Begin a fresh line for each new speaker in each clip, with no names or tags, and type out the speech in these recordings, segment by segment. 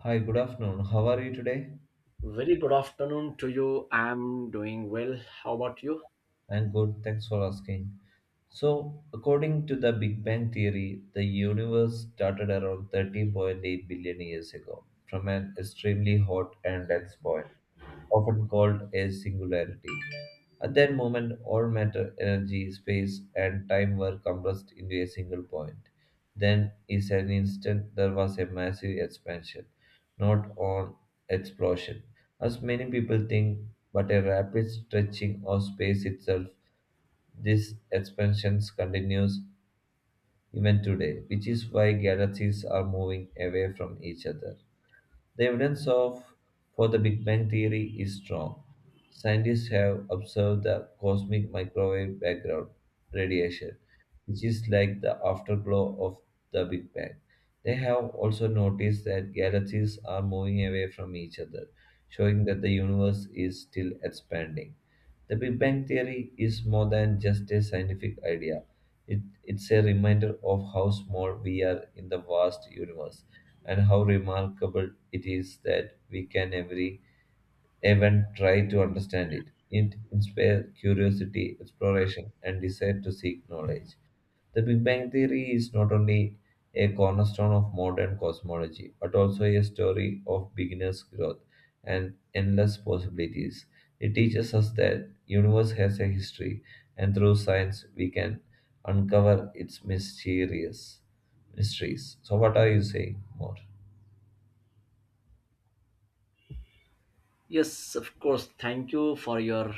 Hi, good afternoon. How are you today?
Very good afternoon to you. I'm doing well. How about you?
I'm good. Thanks for asking. So, according to the Big Bang theory, the universe started around 13.8 billion years ago from an extremely hot and dense point, often called a singularity. At that moment, all matter, energy, space, and time were compressed into a single point. Then, in an instant, there was a massive expansion, not an explosion, as many people think, but a rapid stretching of space itself. This expansion continues even today, which is why galaxies are moving away from each other. The evidence of for the Big Bang theory is strong. Scientists have observed the cosmic microwave background radiation, which is like the afterglow of the Big Bang. They have also noticed that galaxies are moving away from each other, showing that the universe is still expanding. The Big Bang Theory is more than just a scientific idea. It's a reminder of how small we are in the vast universe and how remarkable it is that we can even try to understand it. It inspires curiosity, exploration, and desire to seek knowledge. The Big Bang Theory is not only a cornerstone of modern cosmology, but also a story of beginner's growth and endless possibilities. It teaches us that universe has a history, and through science we can uncover its mysterious mysteries. So, what are you saying more?
Yes, of course. Thank you for your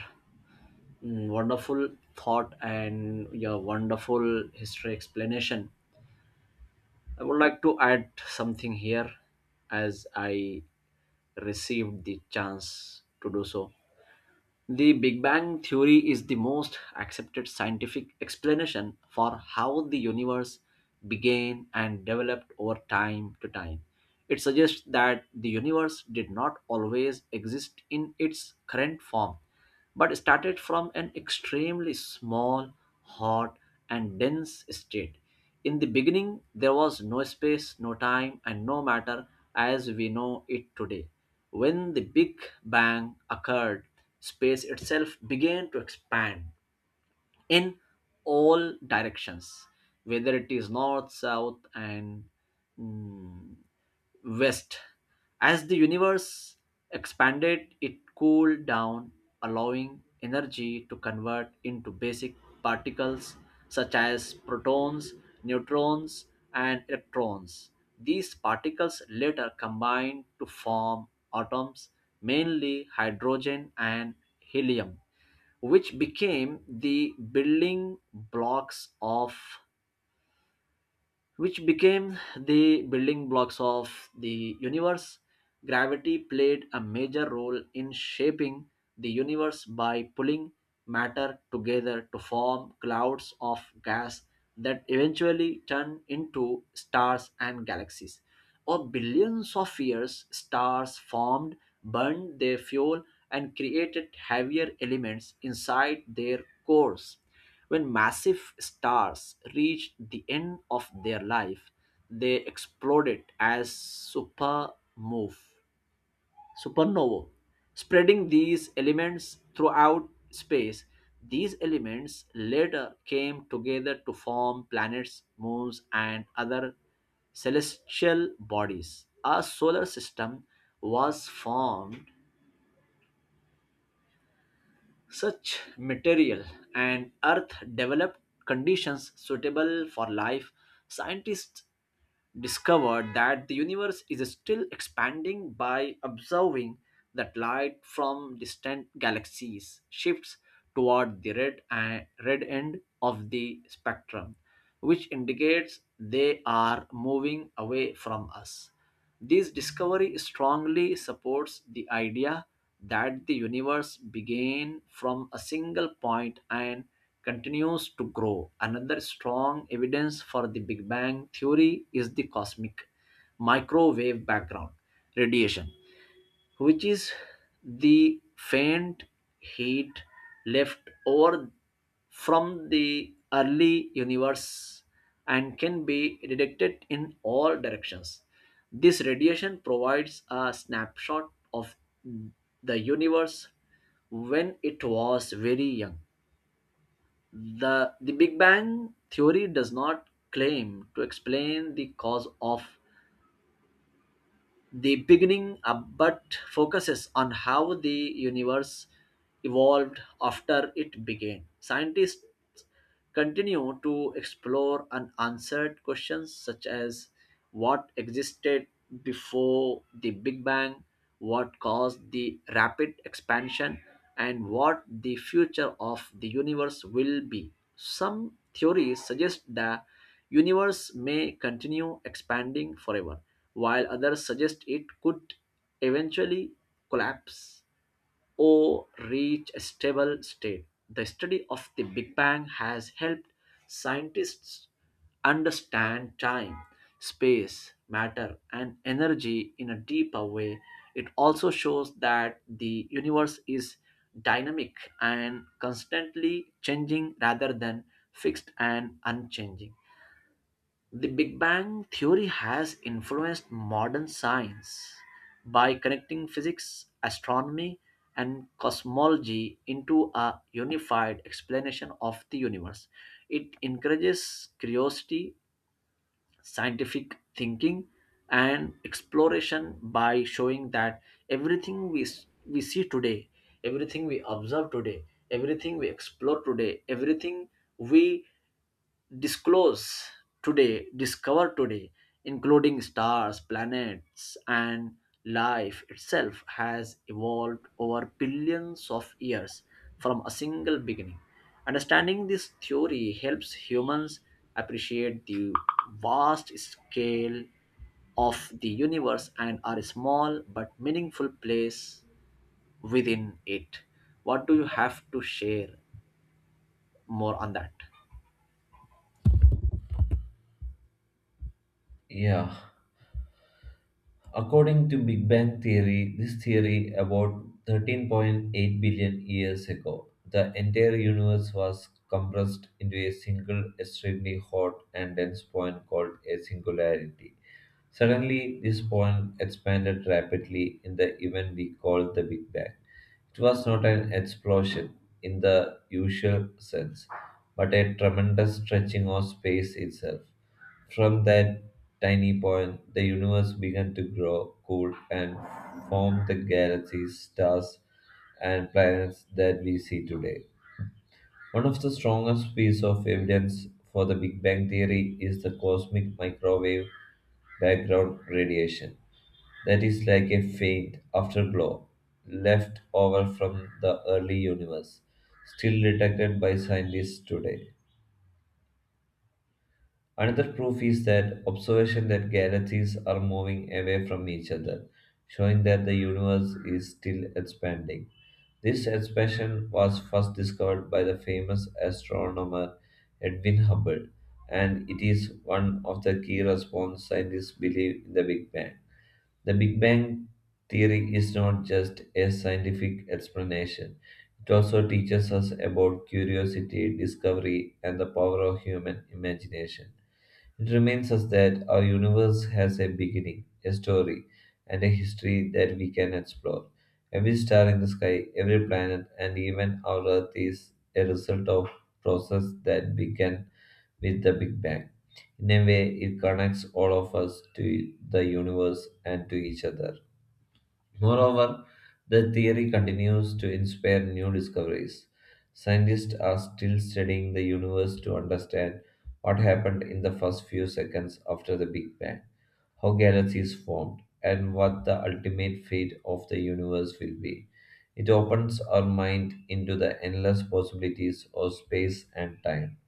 wonderful thought and your wonderful history explanation. I would like to add something here as I received the chance to do so. The Big Bang Theory is the most accepted scientific explanation for how the universe began and developed over time to time. It suggests that the universe did not always exist in its current form but started from an extremely small, hot, and dense state. In the beginning, there was no space, no time, and no matter as we know it today. When the Big Bang occurred, space itself began to expand in all directions, whether it is north, south, and mm, west. As the universe expanded, it cooled down, allowing energy to convert into basic particles such as protons, neutrons, and electrons. These particles later combined to form atoms, mainly hydrogen and helium, which became the building blocks of which became the building blocks of the universe. Gravity played a major role in shaping the universe by pulling matter together to form clouds of gas that eventually turned into stars and galaxies. Over billions of years, stars formed, burned their fuel, and created heavier elements inside their cores. When massive stars reached the end of their life, they exploded as supernova, spreading these elements throughout space. These elements later came together to form planets, moons, and other celestial bodies. A solar system was formed. Such material and earth developed conditions suitable for life. Scientists discovered that the universe is still expanding by observing that light from distant galaxies shifts toward the red end of the spectrum, which indicates they are moving away from us. This discovery strongly supports the idea that the universe began from a single point and continues to grow. Another strong evidence for the Big Bang theory is the cosmic microwave background radiation, which is the faint heat left over from the early universe and can be detected in all directions. This radiation provides a snapshot of the universe when it was very young. The Big Bang theory does not claim to explain the cause of the beginning but focuses on how the universe evolved after it began. Scientists continue to explore unanswered questions such as what existed before the Big Bang, what caused the rapid expansion, and what the future of the universe will be. Some theories suggest that universe may continue expanding forever, while others suggest it could eventually collapse or reach a stable state. The study of the big bang has helped scientists understand time, space, matter and energy in a deeper way. It also shows that the universe is dynamic and constantly changing rather than fixed and unchanging. The Big Bang theory has influenced modern science by connecting physics, astronomy, and cosmology into a unified explanation of the universe. It encourages curiosity, scientific thinking, and exploration by showing that we see today, everything we observe today, everything we explore today, everything we disclose discover today, including stars, planets, and life itself, has evolved over billions of years from a single beginning. Understanding this theory helps humans appreciate the vast scale of the universe and our small but meaningful place within it. What do you have to share more on that?
Yeah. According to Big Bang theory, this theory about 13.8 billion years ago, the entire universe was compressed into a single extremely hot and dense point called a singularity. Suddenly, this point expanded rapidly in the event we call the Big Bang. It was not an explosion in the usual sense, but a tremendous stretching of space itself. From that tiny point, the universe began to grow, cool, and form the galaxies, stars, and planets that we see today. One of the strongest pieces of evidence for the Big Bang theory is the cosmic microwave background radiation that is like a faint afterglow left over from the early universe, still detected by scientists today. Another proof is that observation that galaxies are moving away from each other, showing that the universe is still expanding. This expansion was first discovered by the famous astronomer Edwin Hubble, and it is one of the key response scientists believe in the Big Bang. The Big Bang theory is not just a scientific explanation. It also teaches us about curiosity, discovery, and the power of human imagination. It reminds us that our universe has a beginning, a story, and a history that we can explore. Every star in the sky, every planet, and even our Earth is a result of process that began with the Big Bang. In a way, it connects all of us to the universe and to each other. Moreover, the theory continues to inspire new discoveries. Scientists are still studying the universe to understand what happened in the first few seconds after the Big Bang, how galaxies formed, and what the ultimate fate of the universe will be. It opens our mind into the endless possibilities of space and time.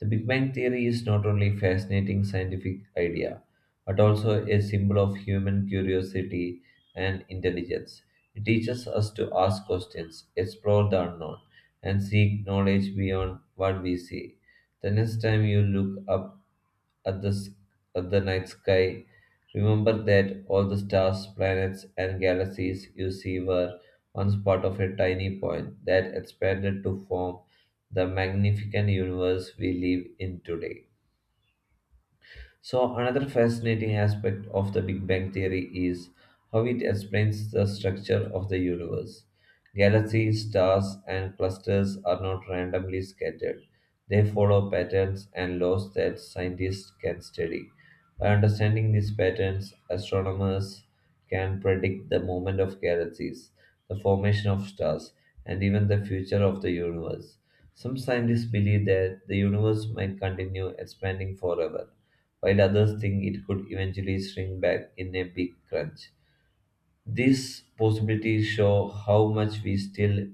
The Big Bang Theory is not only a fascinating scientific idea, but also a symbol of human curiosity and intelligence. It teaches us to ask questions, explore the unknown, and seek knowledge beyond what we see. The next time you look up at the, s- at the night sky, remember that all the stars, planets, and galaxies you see were once part of a tiny point that expanded to form the magnificent universe we live in today. So, another fascinating aspect of the Big Bang Theory is how it explains the structure of the universe. Galaxies, stars, and clusters are not randomly scattered, they follow patterns and laws that scientists can study. By understanding these patterns, astronomers can predict the movement of galaxies, the formation of stars, and even the future of the universe. Some scientists believe that the universe might continue expanding forever while others think it could eventually shrink back in a big crunch. These possibilities show how much we still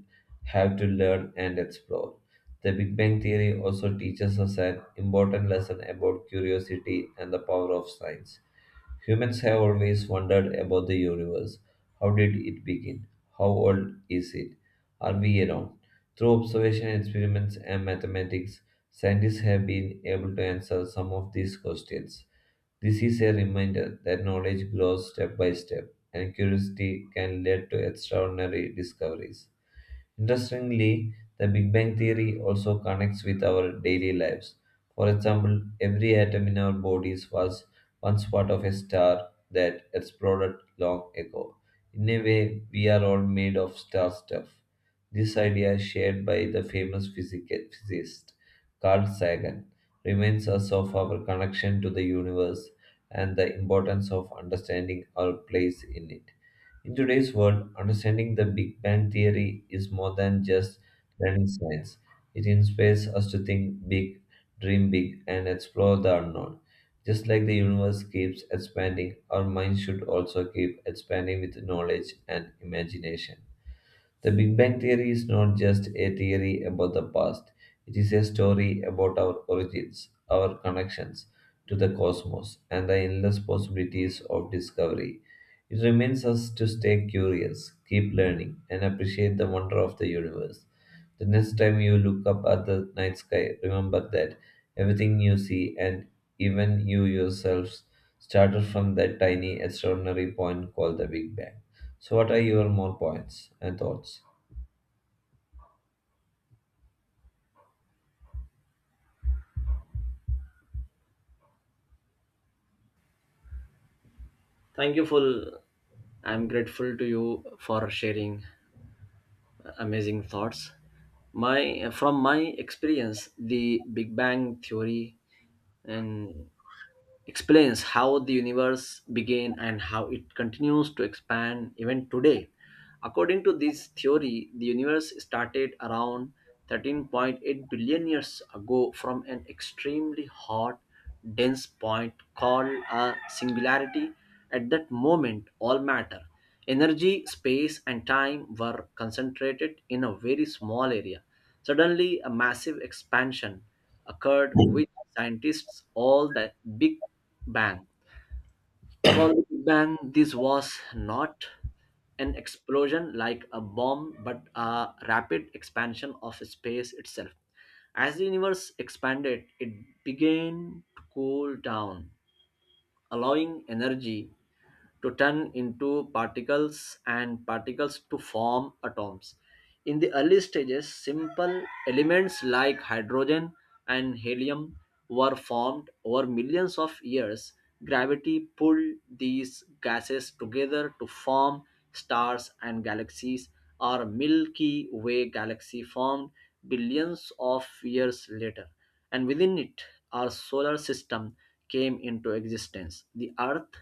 have to learn and explore. The Big Bang Theory also teaches us an important lesson about curiosity and the power of science. Humans have always wondered about the universe. How did it begin? How old is it? Are we alone? Through observation, experiments, and mathematics, scientists have been able to answer some of these questions. This is a reminder that knowledge grows step by step, and curiosity can lead to extraordinary discoveries. Interestingly, the Big Bang theory also connects with our daily lives. For example, every atom in our bodies was once part of a star that exploded long ago. In a way, we are all made of star stuff. This idea, shared by the famous physicist Carl Sagan, reminds us of our connection to the universe and the importance of understanding our place in it. In today's world, understanding the Big Bang Theory is more than just learning science. It inspires us to think big, dream big, and explore the unknown. Just like the universe keeps expanding, our minds should also keep expanding with knowledge and imagination. The Big Bang Theory is not just a theory about the past, it is a story about our origins, our connections to the cosmos, and the endless possibilities of discovery. It reminds us to stay curious, keep learning, and appreciate the wonder of the universe. The next time you look up at the night sky, remember that everything you see and even you yourselves started from that tiny, extraordinary point called the Big Bang. So, what are your more points and thoughts?
Thank you for I'm grateful to you for sharing amazing thoughts. My From my experience, the Big Bang theory and explains how the universe began and how it continues to expand even today. According to this theory, the universe started around 13.8 billion years ago from an extremely hot, dense point called a singularity. At that moment, all matter, energy, space, and time were concentrated in a very small area. Suddenly, a massive expansion occurred with scientists all the big bang called the big bang. This was not an explosion like a bomb but a rapid expansion of space itself. As the universe expanded, it began to cool down, allowing energy to turn into particles and particles to form atoms. In the early stages, simple elements like hydrogen and helium were formed over millions of years. Gravity pulled these gases together to form stars and galaxies. Our Milky Way galaxy formed billions of years later, and within it, our solar system came into existence. The Earth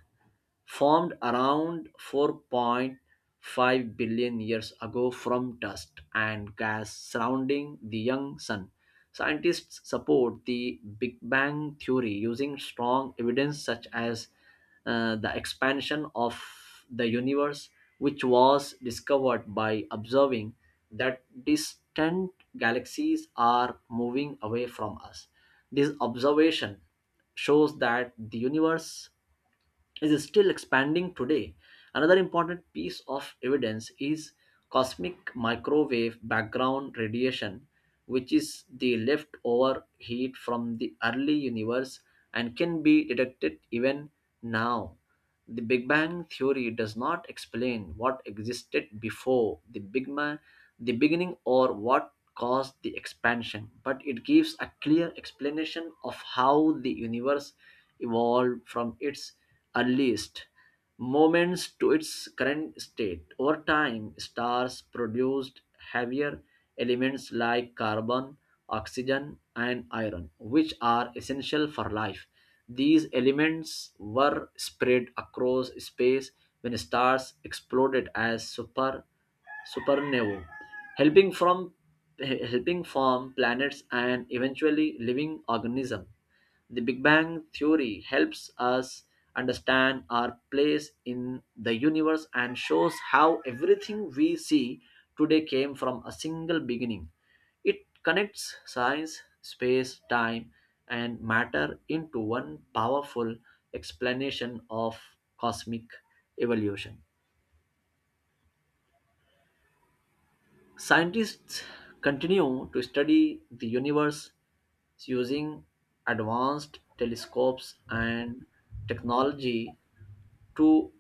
formed around 4.5 billion years ago from dust and gas surrounding the young sun. Scientists support the Big Bang theory using strong evidence such as the expansion of the universe, which was discovered by observing that distant galaxies are moving away from us. This observation shows that the universe is still expanding today. Another important piece of evidence is cosmic microwave background radiation, which is the leftover heat from the early universe and can be detected even now. The Big Bang theory does not explain what existed before the the beginning or what caused the expansion, but it gives a clear explanation of how the universe evolved from its earliest moments to its current state. Over time, stars produced heavier elements like carbon, oxygen, and iron, which are essential for life. These elements were spread across space when stars exploded as supernovae, helping from helping form planets and eventually living organisms. The Big Bang theory helps us understand our place in the universe and shows how everything we see today came from a single beginning. It connects science, space, time, and matter into one powerful explanation of cosmic evolution. Scientists continue to study the universe using advanced telescopes and technology to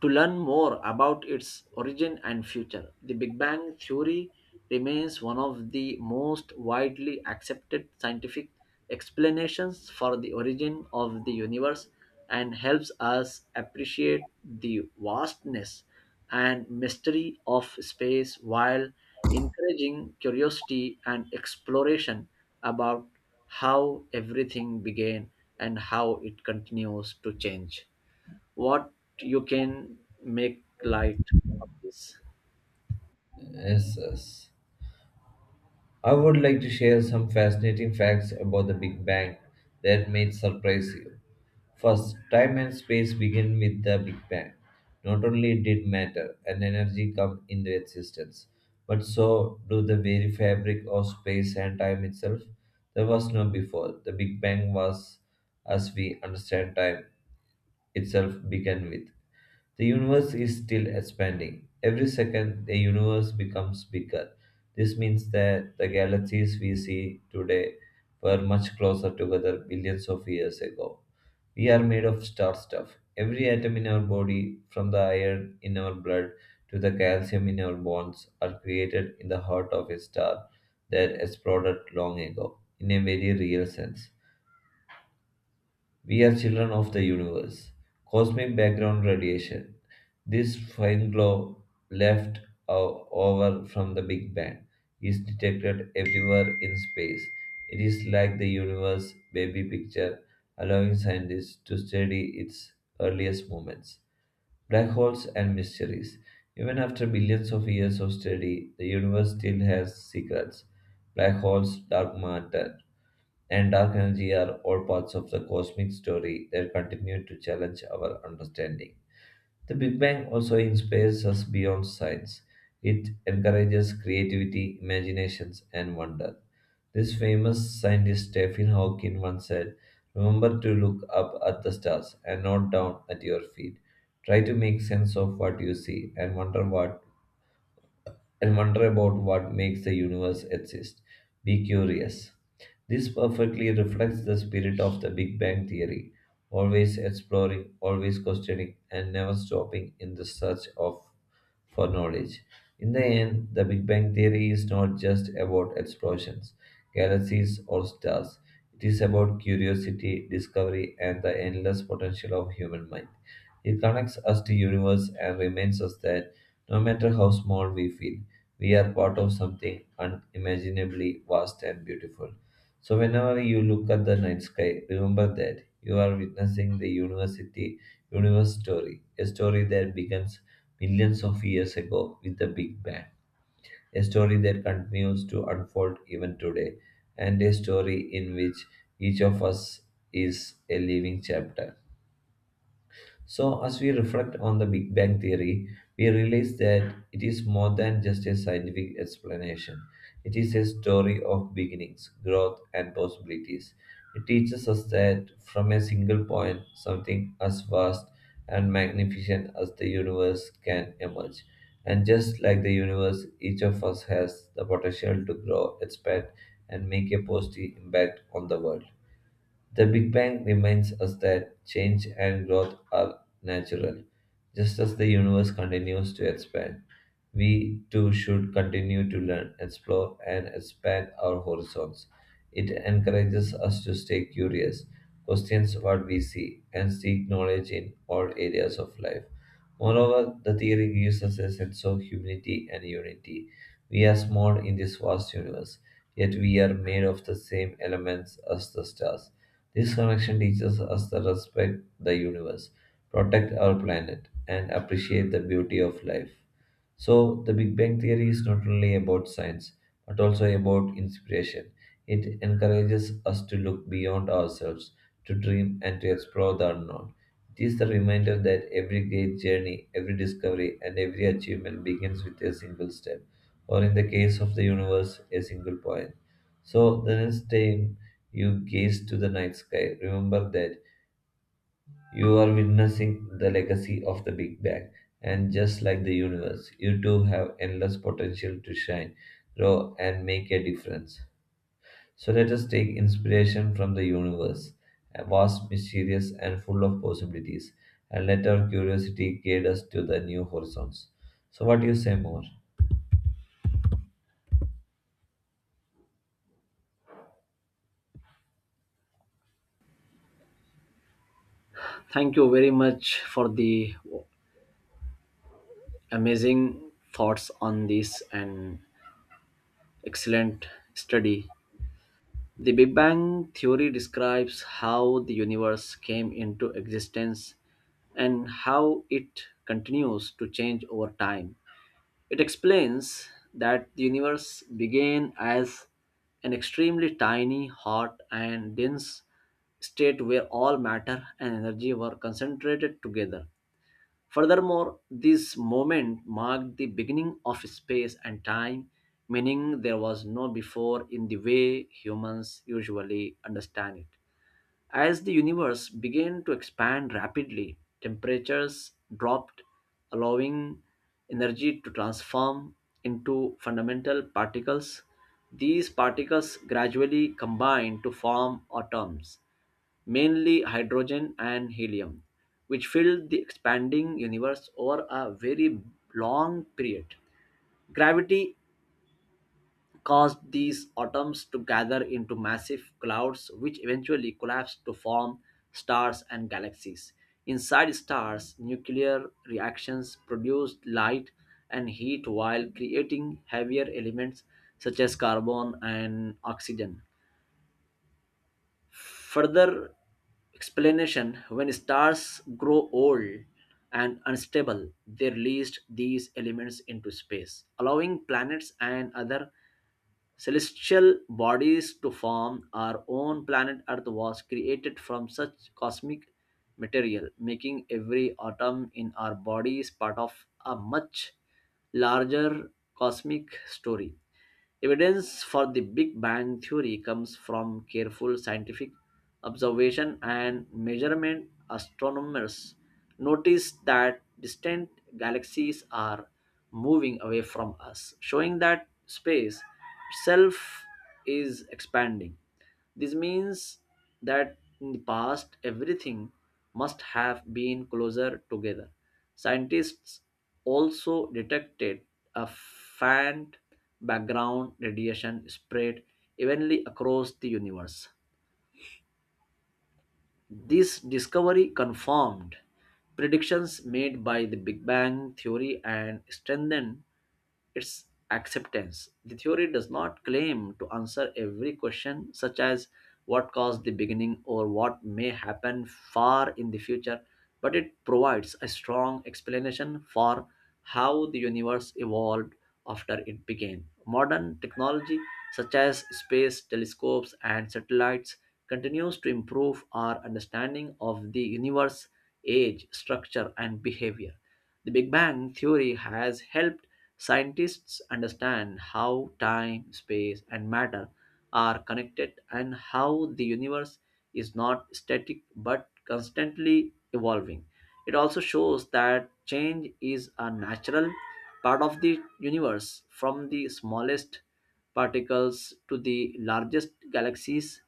To learn more about its origin and future. The Big Bang Theory remains one of the most widely accepted scientific explanations for the origin of the universe and helps us appreciate the vastness and mystery of space while encouraging curiosity and exploration about how everything began and how it continues to change. What you can make light of this.
Yes, yes. I would like to share some fascinating facts about the Big Bang that may surprise you. First, time and space begin with the Big Bang. Not only did matter and energy come into existence, but so do the very fabric of space and time itself. There was no before. The Big Bang was, as we understand time itself began with. The universe is still expanding. Every second, the universe becomes bigger. This means that the galaxies we see today were much closer together billions of years ago. We are made of star stuff. Every atom in our body, from the iron in our blood to the calcium in our bones, are created in the heart of a star that exploded long ago, in a very real sense. We are children of the universe. Cosmic background radiation. This fine glow left over from the Big Bang is detected everywhere in space. It is like the universe baby picture, allowing scientists to study its earliest moments. Black holes and mysteries. Even after billions of years of study, the universe still has secrets. Black holes, dark matter, and dark energy are all parts of the cosmic story that continue to challenge our understanding. The Big Bang also inspires us beyond science. It encourages creativity, imaginations, and wonder. This famous scientist Stephen Hawking once said, remember to look up at the stars and not down at your feet. Try to make sense of what you see and wonder what and wonder about what makes the universe exist. Be curious. This perfectly reflects the spirit of the Big Bang Theory, always exploring, always questioning, and never stopping in the search of for knowledge. In the end, the Big Bang Theory is not just about explosions, galaxies, or stars. It is about curiosity, discovery, and the endless potential of human mind. It connects us to universe and reminds us that no matter how small we feel, we are part of something unimaginably vast and beautiful. So, whenever you look at the night sky, remember that you are witnessing the university universe story, a story that begins millions of years ago with the Big Bang, a story that continues to unfold even today, and a story in which each of us is a living chapter. So, as we reflect on the Big Bang Theory, we realize that it is more than just a scientific explanation. It is a story of beginnings, growth, and possibilities. It teaches us that from a single point, something as vast and magnificent as the universe can emerge. And just like the universe, each of us has the potential to grow, expand, and make a positive impact on the world. The Big Bang reminds us that change and growth are natural, just as the universe continues to expand. We too should continue to learn, explore, and expand our horizons. It encourages us to stay curious, question what we see, and seek knowledge in all areas of life. Moreover, the theory gives us a sense of humility and unity. We are small in this vast universe, yet we are made of the same elements as the stars. This connection teaches us to respect the universe, protect our planet, and appreciate the beauty of life. So, the Big Bang Theory is not only about science, but also about inspiration. It encourages us to look beyond ourselves, to dream, and to explore the unknown. It is the reminder that every great journey, every discovery, and every achievement begins with a single step, or in the case of the universe, a single point. So, the next time you gaze to the night sky, remember that you are witnessing the legacy of the Big Bang, and just like the universe, you too have endless potential to shine, grow, and make a difference. So let us take inspiration from the universe, a vast, mysterious, and full of possibilities, and let our curiosity guide us to the new horizons. So, what do you say more?
Thank you very much for the amazing thoughts on this and excellent study. The Big Bang theory describes how the universe came into existence and how it continues to change over time. It explains that the universe began as an extremely tiny, hot, and dense state where all matter and energy were concentrated together. Furthermore, this moment marked the beginning of space and time, meaning there was no before in the way humans usually understand it. As the universe began to expand rapidly, temperatures dropped, allowing energy to transform into fundamental particles. These particles gradually combine to form atoms, mainly hydrogen and helium, which filled the expanding universe over a very long period. Gravity caused these atoms to gather into massive clouds, which eventually collapsed to form stars and galaxies. Inside stars, nuclear reactions produced light and heat while creating heavier elements such as carbon and oxygen. Further explanation, when stars grow old and unstable, they released these elements into space, allowing planets and other celestial bodies to form. Our own planet earth was created from such cosmic material, making every atom in our bodies part of a much larger cosmic story. Evidence for the Big Bang theory comes from careful scientific observation and measurement. Astronomers notice that distant galaxies are moving away from us, showing that space itself is expanding. This means that in the past everything must have been closer together. Scientists also detected a faint background radiation spread evenly across the universe. This discovery confirmed predictions made by the Big Bang theory and strengthened its acceptance. The theory does not claim to answer every question, such as what caused the beginning or what may happen far in the future, but it provides a strong explanation for how the universe evolved after it began. Modern technology, such as space telescopes and satellites, continues to improve our understanding of the universe age, structure, and behavior. The Big Bang theory has helped scientists understand how time, space, and matter are connected and how the universe is not static but constantly evolving. It also shows that change is a natural part of the universe, from the smallest particles to the largest galaxies.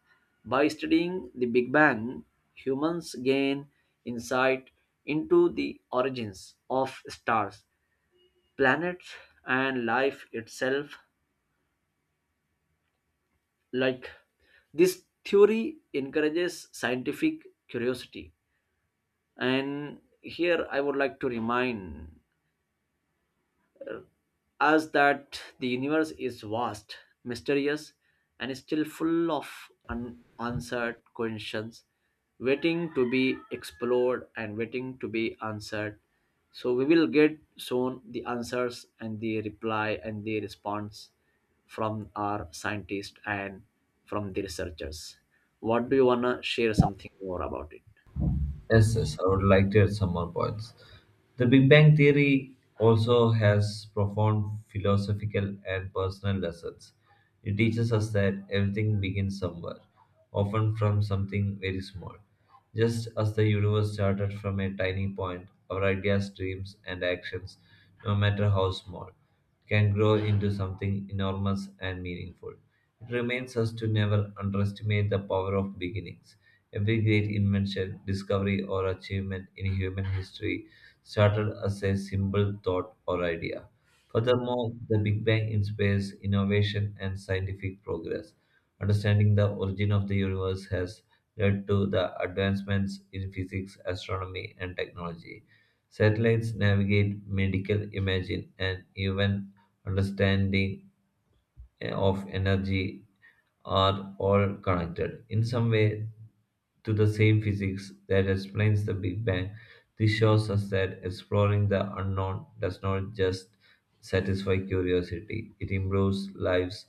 By studying the Big Bang, humans gain insight into the origins of stars, planet and life itself. Like, this theory encourages scientific curiosity, and here I would like to remind as that the universe is vast, mysterious, and still full of unanswered questions waiting to be explored and waiting to be answered. So we will get soon the answers and the reply and the response from our scientists and from the researchers. What do you wanna share something more about it?
Yes, yes, I would like to add some more points. The Big Bang Theory also has profound philosophical and personal lessons. It teaches us that everything begins somewhere, often from something very small. Just as the universe started from a tiny point, our ideas, dreams, and actions, no matter how small, can grow into something enormous and meaningful. It remains us to never underestimate the power of beginnings. Every great invention, discovery, or achievement in human history started as a simple thought or idea. Furthermore, the Big Bang inspires innovation and scientific progress. Understanding the origin of the universe has led to the advancements in physics, astronomy, and technology. Satellites navigate medical imaging and even understanding of energy are all connected in some way to the same physics that explains the Big Bang. This shows us that exploring the unknown does not just satisfy curiosity, it improves lives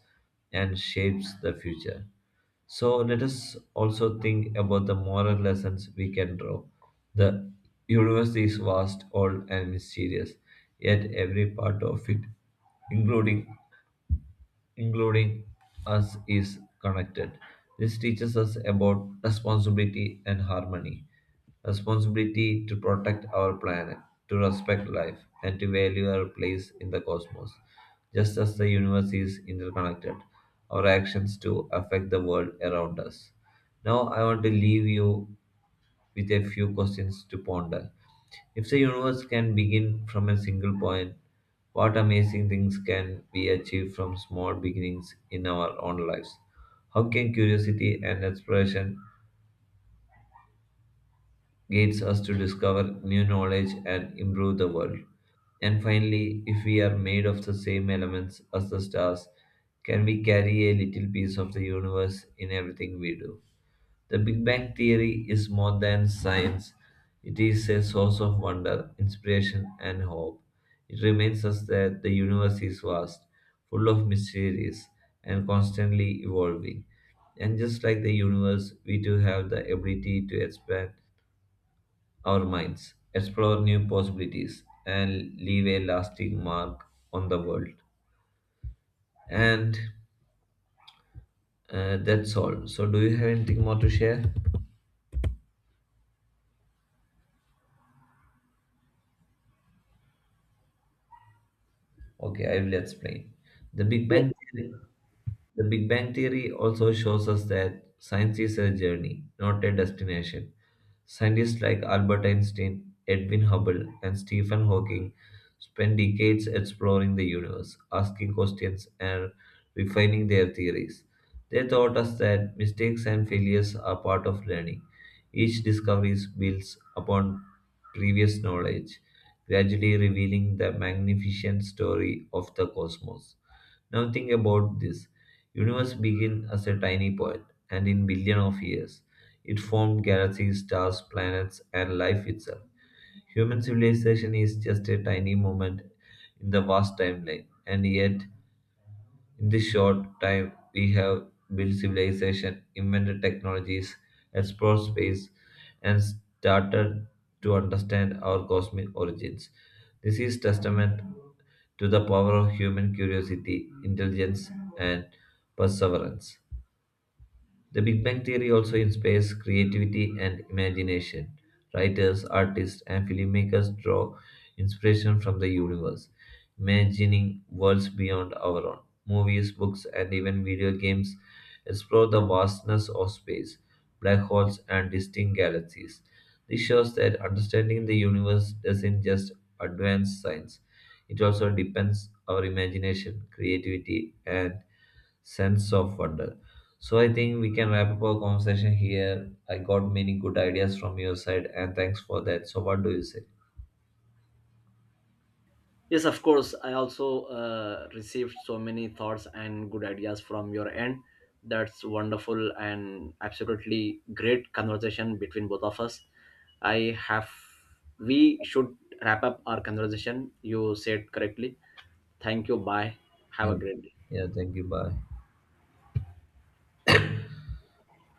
and shapes the future. So let us also think about the moral lessons we can draw. The universe is vast, old, and mysterious, yet every part of it, including including us, is connected. This teaches us about responsibility and harmony. Responsibility to protect our planet, to respect life, and to value our place in the cosmos. Just as the universe is interconnected, our actions too affect the world around us. Now, I want to leave you with a few questions to ponder. If the universe can begin from a single point, what amazing things can be achieved from small beginnings in our own lives? How can curiosity and exploration guides us to discover new knowledge and improve the world? And finally, if we are made of the same elements as the stars, can we carry a little piece of the universe in everything we do? The Big Bang Theory is more than science, it is a source of wonder, inspiration, and hope. It reminds us that the universe is vast, full of mysteries, and constantly evolving. And just like the universe, we too have the ability to expand our minds, explore new possibilities, and leave a lasting mark on the world. And That's all. So, do you have anything more to share? Okay, I will explain. The Big Bang Theory, the Big Bang Theory also shows us that science is a journey, not a destination. Scientists like Albert Einstein, Edwin Hubble, and Stephen Hawking spent decades exploring the universe, asking questions, and refining their theories. They taught us that mistakes and failures are part of learning each discovery builds upon previous knowledge, gradually revealing the magnificent story of the cosmos. Now think about this. Universe began as a tiny point, and in billion of years, it formed galaxies, stars, planets, and life itself. Human civilization is just a tiny moment in the vast timeline, and yet in this short time, we have built civilization, invented technologies, explored space, and started to understand our cosmic origins. This is testament to the power of human curiosity, intelligence, and perseverance. The Big Bang Theory also inspires creativity and imagination. Writers, artists, and filmmakers draw inspiration from the universe, imagining worlds beyond our own. Movies, books, and even video games explore the vastness of space, black holes, and distant galaxies. This shows that understanding the universe doesn't just advance science, it also depends our imagination, creativity, and sense of wonder. So I think we can wrap up our conversation here. I got many good ideas from your side, and thanks for that. So what do you say?
Yes, of course. I also received so many thoughts and good ideas from your end. That's wonderful and absolutely great conversation between both of us. I have, we should wrap up our conversation. You said correctly. Thank you. Bye. Have a
Yeah,
great day.
yeah. Thank you. Bye.